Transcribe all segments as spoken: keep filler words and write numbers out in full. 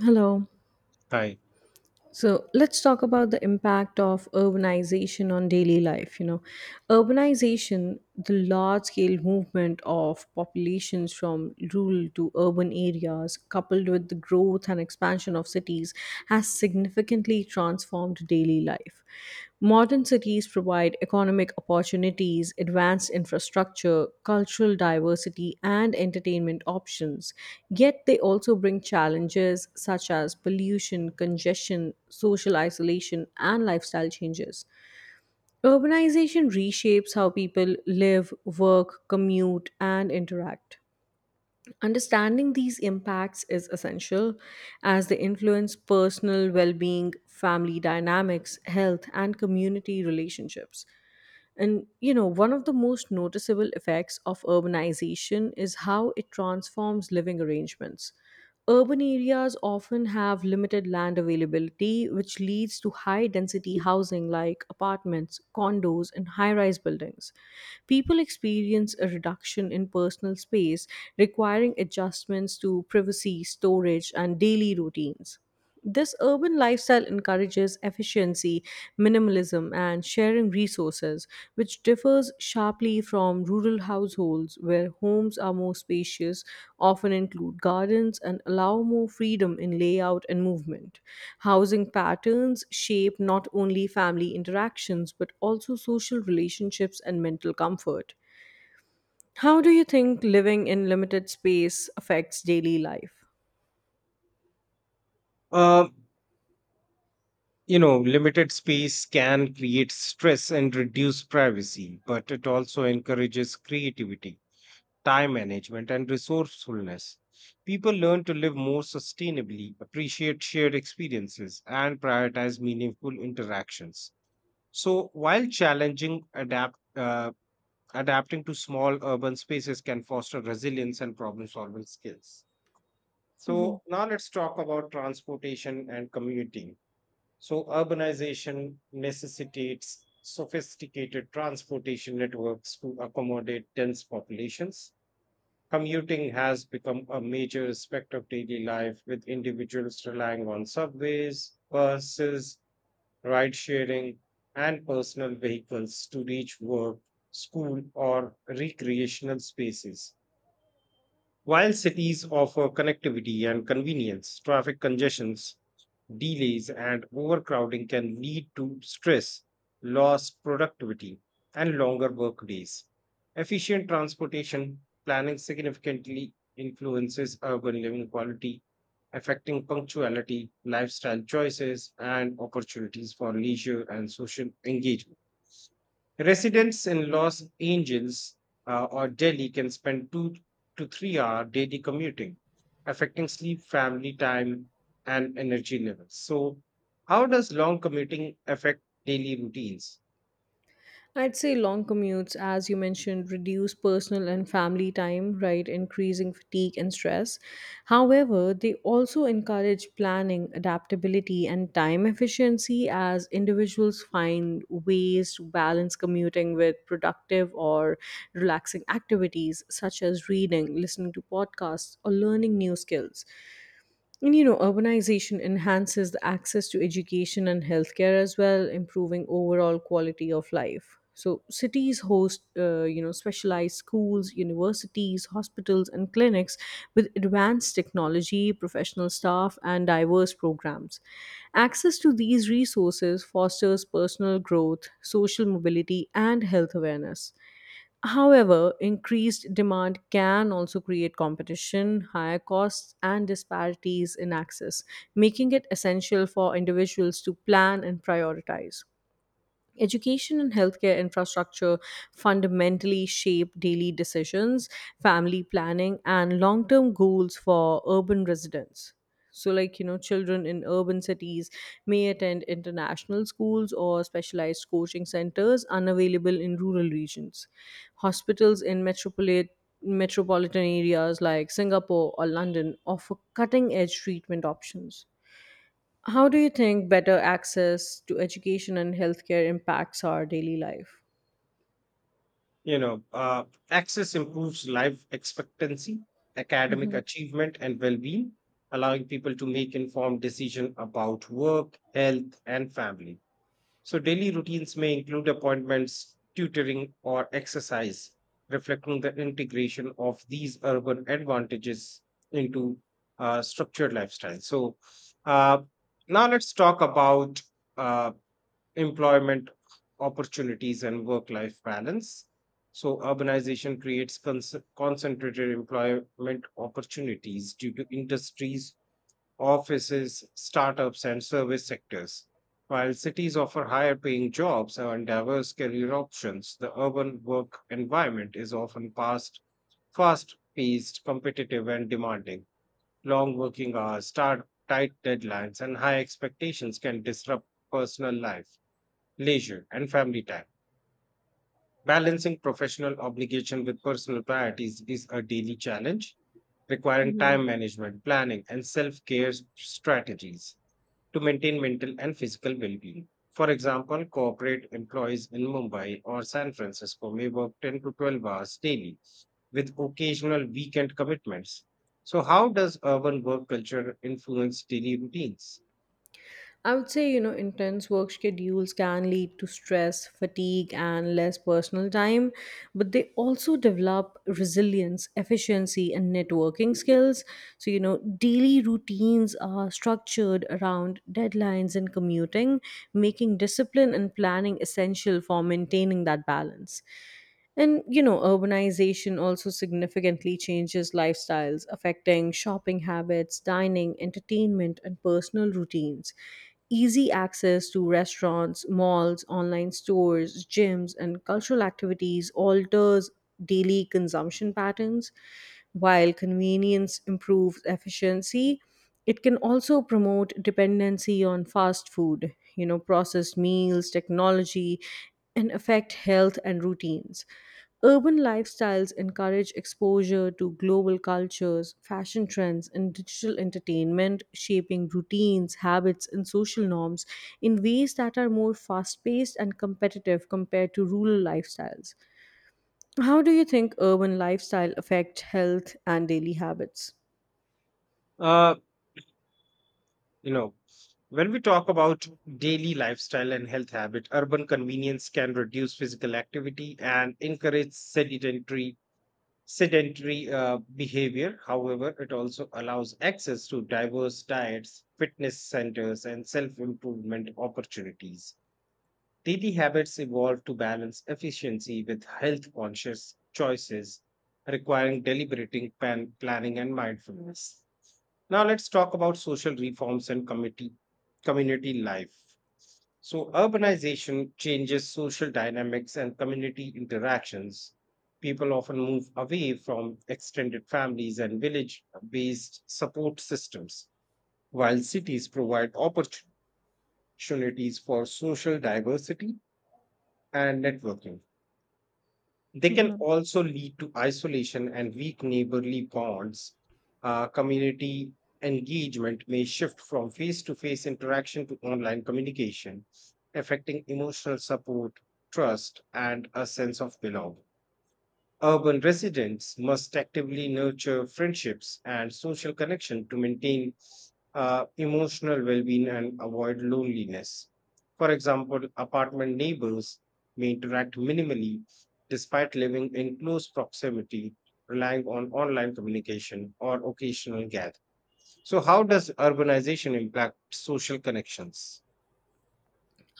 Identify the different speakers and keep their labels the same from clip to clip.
Speaker 1: Hello.
Speaker 2: Hi.
Speaker 1: So let's talk about the impact of urbanization on daily life. You know, urbanization, the large scale movement of populations from rural to urban areas, coupled with the growth and expansion of cities, has significantly transformed daily life. Modern cities provide economic opportunities, advanced infrastructure, cultural diversity, and entertainment options. Yet they also bring challenges such as pollution, congestion, social isolation, and lifestyle changes. Urbanization reshapes how people live, work, commute, and interact. Understanding these impacts is essential as they influence personal well being, family dynamics, health, and community relationships. And you know, one of the most noticeable effects of urbanization is how it transforms living arrangements. Urban areas often have limited land availability, which leads to high density housing like apartments, condos, and high rise buildings. People experience a reduction in personal space, requiring adjustments to privacy, storage, and daily routines. This urban lifestyle encourages efficiency, minimalism, and sharing resources, which differs sharply from rural households where homes are more spacious, often include gardens, and allow more freedom in layout and movement. Housing patterns shape not only family interactions but also social relationships and mental comfort. How do you think living in limited space affects daily life?
Speaker 2: Um, you know, limited space can create stress and reduce privacy, but it also encourages creativity, time management, and resourcefulness. People learn to live more sustainably, appreciate shared experiences, and prioritize meaningful interactions. So, while challenging, adapt uh, adapting to small urban spaces can foster resilience and problem-solving skills. So, now let's talk about transportation and commuting. So urbanization necessitates sophisticated transportation networks to accommodate dense populations. Commuting has become a major aspect of daily life, with individuals relying on subways, buses, ride sharing, and personal vehicles to reach work, school, or recreational spaces. While cities offer connectivity and convenience, traffic congestions, delays, and overcrowding can lead to stress, lost productivity, and longer work days. Efficient transportation planning significantly influences urban living quality, affecting punctuality, lifestyle choices, and opportunities for leisure and social engagement. Residents in Los Angeles uh, or Delhi can spend two to three hour daily commuting, affecting sleep, family time, and energy levels. So, how does long commuting affect daily routines?
Speaker 1: I'd say long commutes, as you mentioned, reduce personal and family time, right? Increasing fatigue and stress. However, they also encourage planning, adaptability, and time efficiency as individuals find ways to balance commuting with productive or relaxing activities such as reading, listening to podcasts, or learning new skills. And you know, urbanization enhances the access to education and healthcare as well, improving overall quality of life. So cities host, uh, you know, specialized schools, universities, hospitals, and clinics with advanced technology, professional staff, and diverse programs. Access to these resources fosters personal growth, social mobility, and health awareness. However, increased demand can also create competition, higher costs, and disparities in access, making it essential for individuals to plan and prioritize. Education and healthcare infrastructure fundamentally shape daily decisions, family planning, and long term goals for urban residents. So, like, you know, children in urban cities may attend international schools or specialized coaching centers unavailable in rural regions. Hospitals in metropolit- metropolitan areas like Singapore or London offer cutting edge treatment options. How do you think better access to education and healthcare impacts our daily life?
Speaker 2: You know, uh, Access improves life expectancy, academic achievement, and well-being, allowing people to make informed decision about work, health, and family. So, daily routines may include appointments, tutoring, or exercise, reflecting the integration of these urban advantages into uh, structured lifestyle. So, uh, now let's talk about uh, employment opportunities and work life balance. So, urbanization creates cons- concentrated employment opportunities due to industries, offices, startups, and service sectors. While cities offer higher paying jobs and diverse career options, the urban work environment is often fast, fast paced, competitive, and demanding. Long working hours, start, tight deadlines, and high expectations can disrupt personal life, leisure, and family time. Balancing professional obligation with personal priorities is a daily challenge, requiring
Speaker 1: Mhm.
Speaker 2: time management, planning, and self care strategies to maintain mental and physical well-being. For example, corporate employees in Mumbai or San Francisco may work ten to twelve hours daily with occasional weekend commitments. So how does urban work culture influence daily routines?
Speaker 1: I would say, you know, intense work schedules can lead to stress, fatigue, and less personal time, but they also develop resilience, efficiency, and networking skills. So, you know, daily routines are structured around deadlines and commuting, making discipline and planning essential for maintaining that balance. And you know, urbanization also significantly changes lifestyles, affecting shopping habits, dining, entertainment, and personal routines. Easy access to restaurants, malls, online stores, gyms, and cultural activities alters daily consumption patterns, while convenience improves efficiency. It can also promote dependency on fast food, you know, processed meals, technology, and affect health and routines. Urban lifestyles encourage exposure to global cultures, fashion trends, and digital entertainment, shaping routines, habits, and social norms in ways that are more fast paced and competitive compared to rural lifestyles. How do you think urban lifestyle affect health and daily habits?
Speaker 2: Uh, you know, when we talk about daily lifestyle and health habit, urban convenience can reduce physical activity and encourage sedentary Sedentary uh, behavior. However, it also allows access to diverse diets, fitness centers, and self improvement opportunities. Daily habits evolve to balance efficiency with health conscious choices, requiring deliberating pan- planning and mindfulness. Now, let's talk about social reforms and committee, community life. So, urbanization changes social dynamics and community interactions. People often move away from extended families and village based support systems, while cities provide opportunities for social diversity and networking. They can
Speaker 1: Mhm.
Speaker 2: also lead to isolation and weak neighborly bonds. Uh, community engagement may shift from face to face interaction to online communication, affecting emotional support, trust, and a sense of belonging. Urban residents must actively nurture friendships and social connection to maintain uh, emotional well being and avoid loneliness. For example, apartment neighbors may interact minimally despite living in close proximity, relying on online communication or occasional gatherings. So, how does urbanization impact social connections?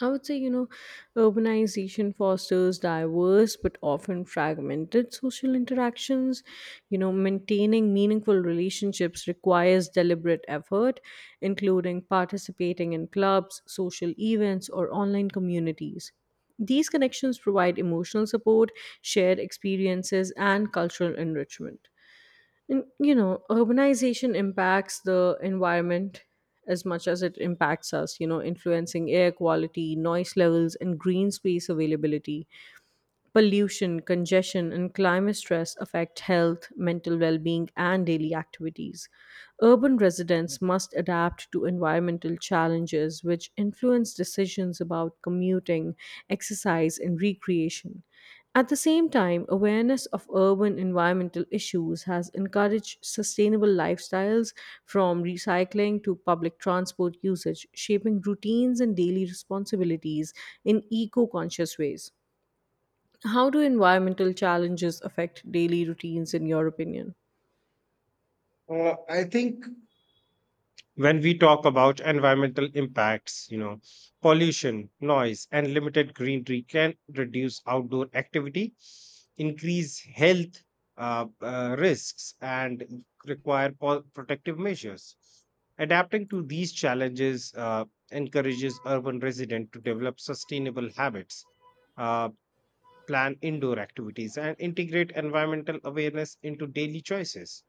Speaker 1: I would say, you know, urbanization fosters diverse but often fragmented social interactions. You know, maintaining meaningful relationships requires deliberate effort, including participating in clubs, social events, or online communities. These connections provide emotional support, shared experiences, and cultural enrichment. And you know, urbanization impacts the environment as much as it impacts us, you know, influencing air quality, noise levels, and green space availability. Pollution, congestion, and climate stress affect health, mental well being, and daily activities. Urban residents must adapt to environmental challenges, which influence decisions about commuting, exercise, and recreation. At the same time, awareness of urban environmental issues has encouraged sustainable lifestyles from recycling to public transport usage, shaping routines and daily responsibilities in eco conscious ways. How do environmental challenges affect daily routines, in your opinion?
Speaker 2: Uh, I think when we talk about environmental impacts, you know, pollution, noise, and limited greenery can reduce outdoor activity, increase health uh, uh, risks, and require po- protective measures. Adapting to these challenges uh, encourages urban residents to develop sustainable habits, uh, plan indoor activities, and integrate environmental awareness into daily choices.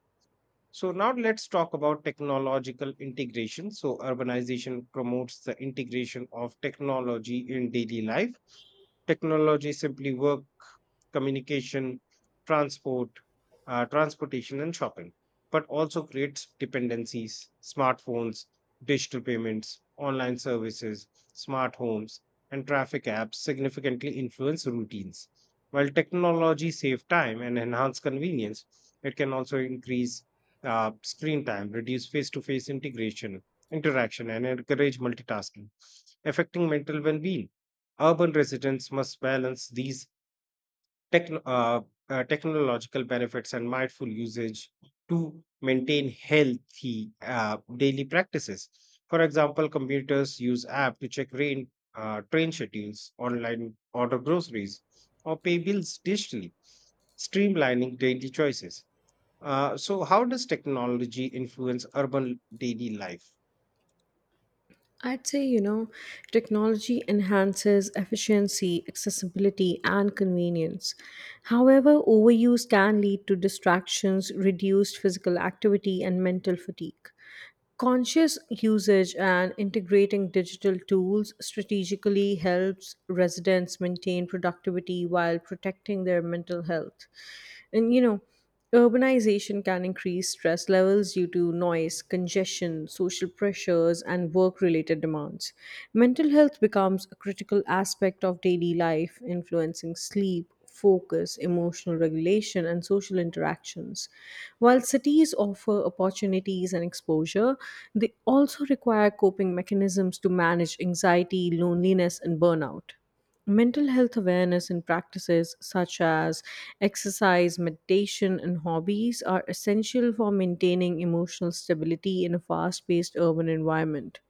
Speaker 2: So now let's talk about technological integration. So urbanization promotes the integration of technology in daily life. Technology simply work, communication, transport, uh, transportation, and shopping, but also creates dependencies. Smartphones, digital payments, online services, smart homes, and traffic apps significantly influence routines. While technology save time and enhance convenience, it can also increase uh, screen time, reduce face-to-face integration interaction, and encourage multitasking, affecting mental well-being. Urban residents must balance these techno- uh, uh, technological benefits and mindful usage to maintain healthy uh, daily practices. For example, commuters use app to check rain, uh, train schedules, online order groceries, or pay bills digitally, streamlining daily choices. Uh, so, how does technology influence urban daily life?
Speaker 1: I'd say, you know, technology enhances efficiency, accessibility, and convenience. However, overuse can lead to distractions, reduced physical activity, and mental fatigue. Conscious usage and integrating digital tools strategically helps residents maintain productivity while protecting their mental health. And you know, urbanization can increase stress levels due to noise, congestion, social pressures, and work related demands. Mental health becomes a critical aspect of daily life, influencing sleep. Focus, emotional regulation, and social interactions. While cities offer opportunities and exposure, they also require coping mechanisms to manage anxiety, loneliness, and burnout. Mental health awareness and practices such as exercise, meditation, and hobbies are essential for maintaining emotional stability in a fast paced urban environment.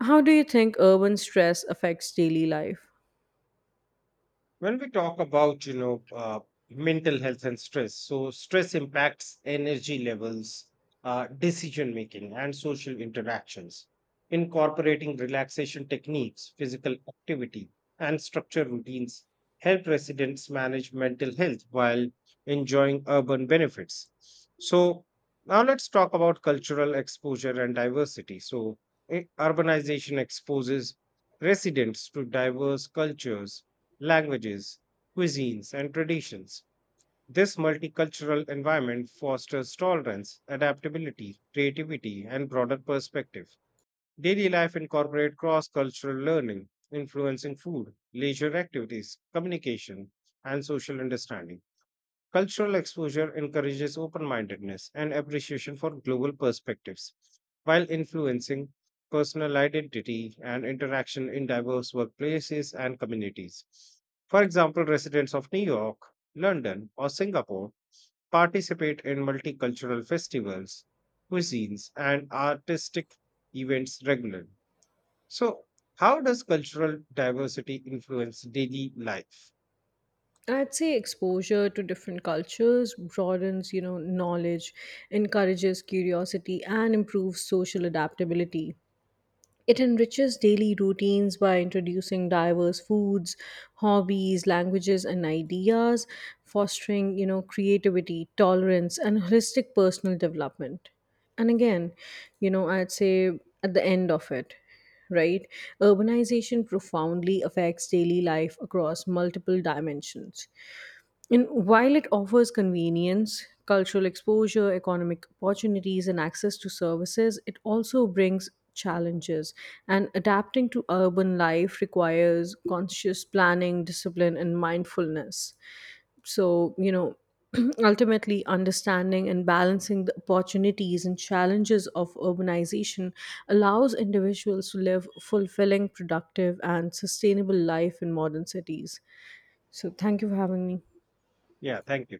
Speaker 1: How do you think urban stress affects daily life?
Speaker 2: When we talk about you know uh, mental health and stress, so stress impacts energy levels, uh, decision making, and social interactions. Incorporating relaxation techniques, physical activity, and structured routines help residents manage mental health while enjoying urban benefits. So now let's talk about cultural exposure and diversity. So eh, urbanization exposes residents to diverse cultures, languages, cuisines, and traditions. This multicultural environment fosters tolerance, adaptability, creativity, and broader perspective. Daily life incorporates cross cultural learning, influencing food, leisure activities, communication, and social understanding. Cultural exposure encourages open mindedness and appreciation for global perspectives, while influencing personal identity and interaction in diverse workplaces and communities. For example, residents of New York, London, or Singapore participate in multicultural festivals, cuisines, and artistic events regularly. So, how does cultural diversity influence daily life?
Speaker 1: I'd say exposure to different cultures broadens, you know, knowledge, encourages curiosity, and improves social adaptability. It enriches daily routines by introducing diverse foods, hobbies, languages, and ideas, fostering, you know, creativity, tolerance, and holistic personal development. And again, you know, I'd say at the end of it, right, urbanization profoundly affects daily life across multiple dimensions and while it offers convenience, cultural exposure, economic opportunities, and access to services, it also brings challenges. And adapting to urban life requires conscious planning, discipline, and mindfulness. So, you know, ultimately understanding and balancing the opportunities and challenges of urbanization allows individuals to live fulfilling, productive, and sustainable life in modern cities. So, thank you for having me.
Speaker 2: Yeah, thank you.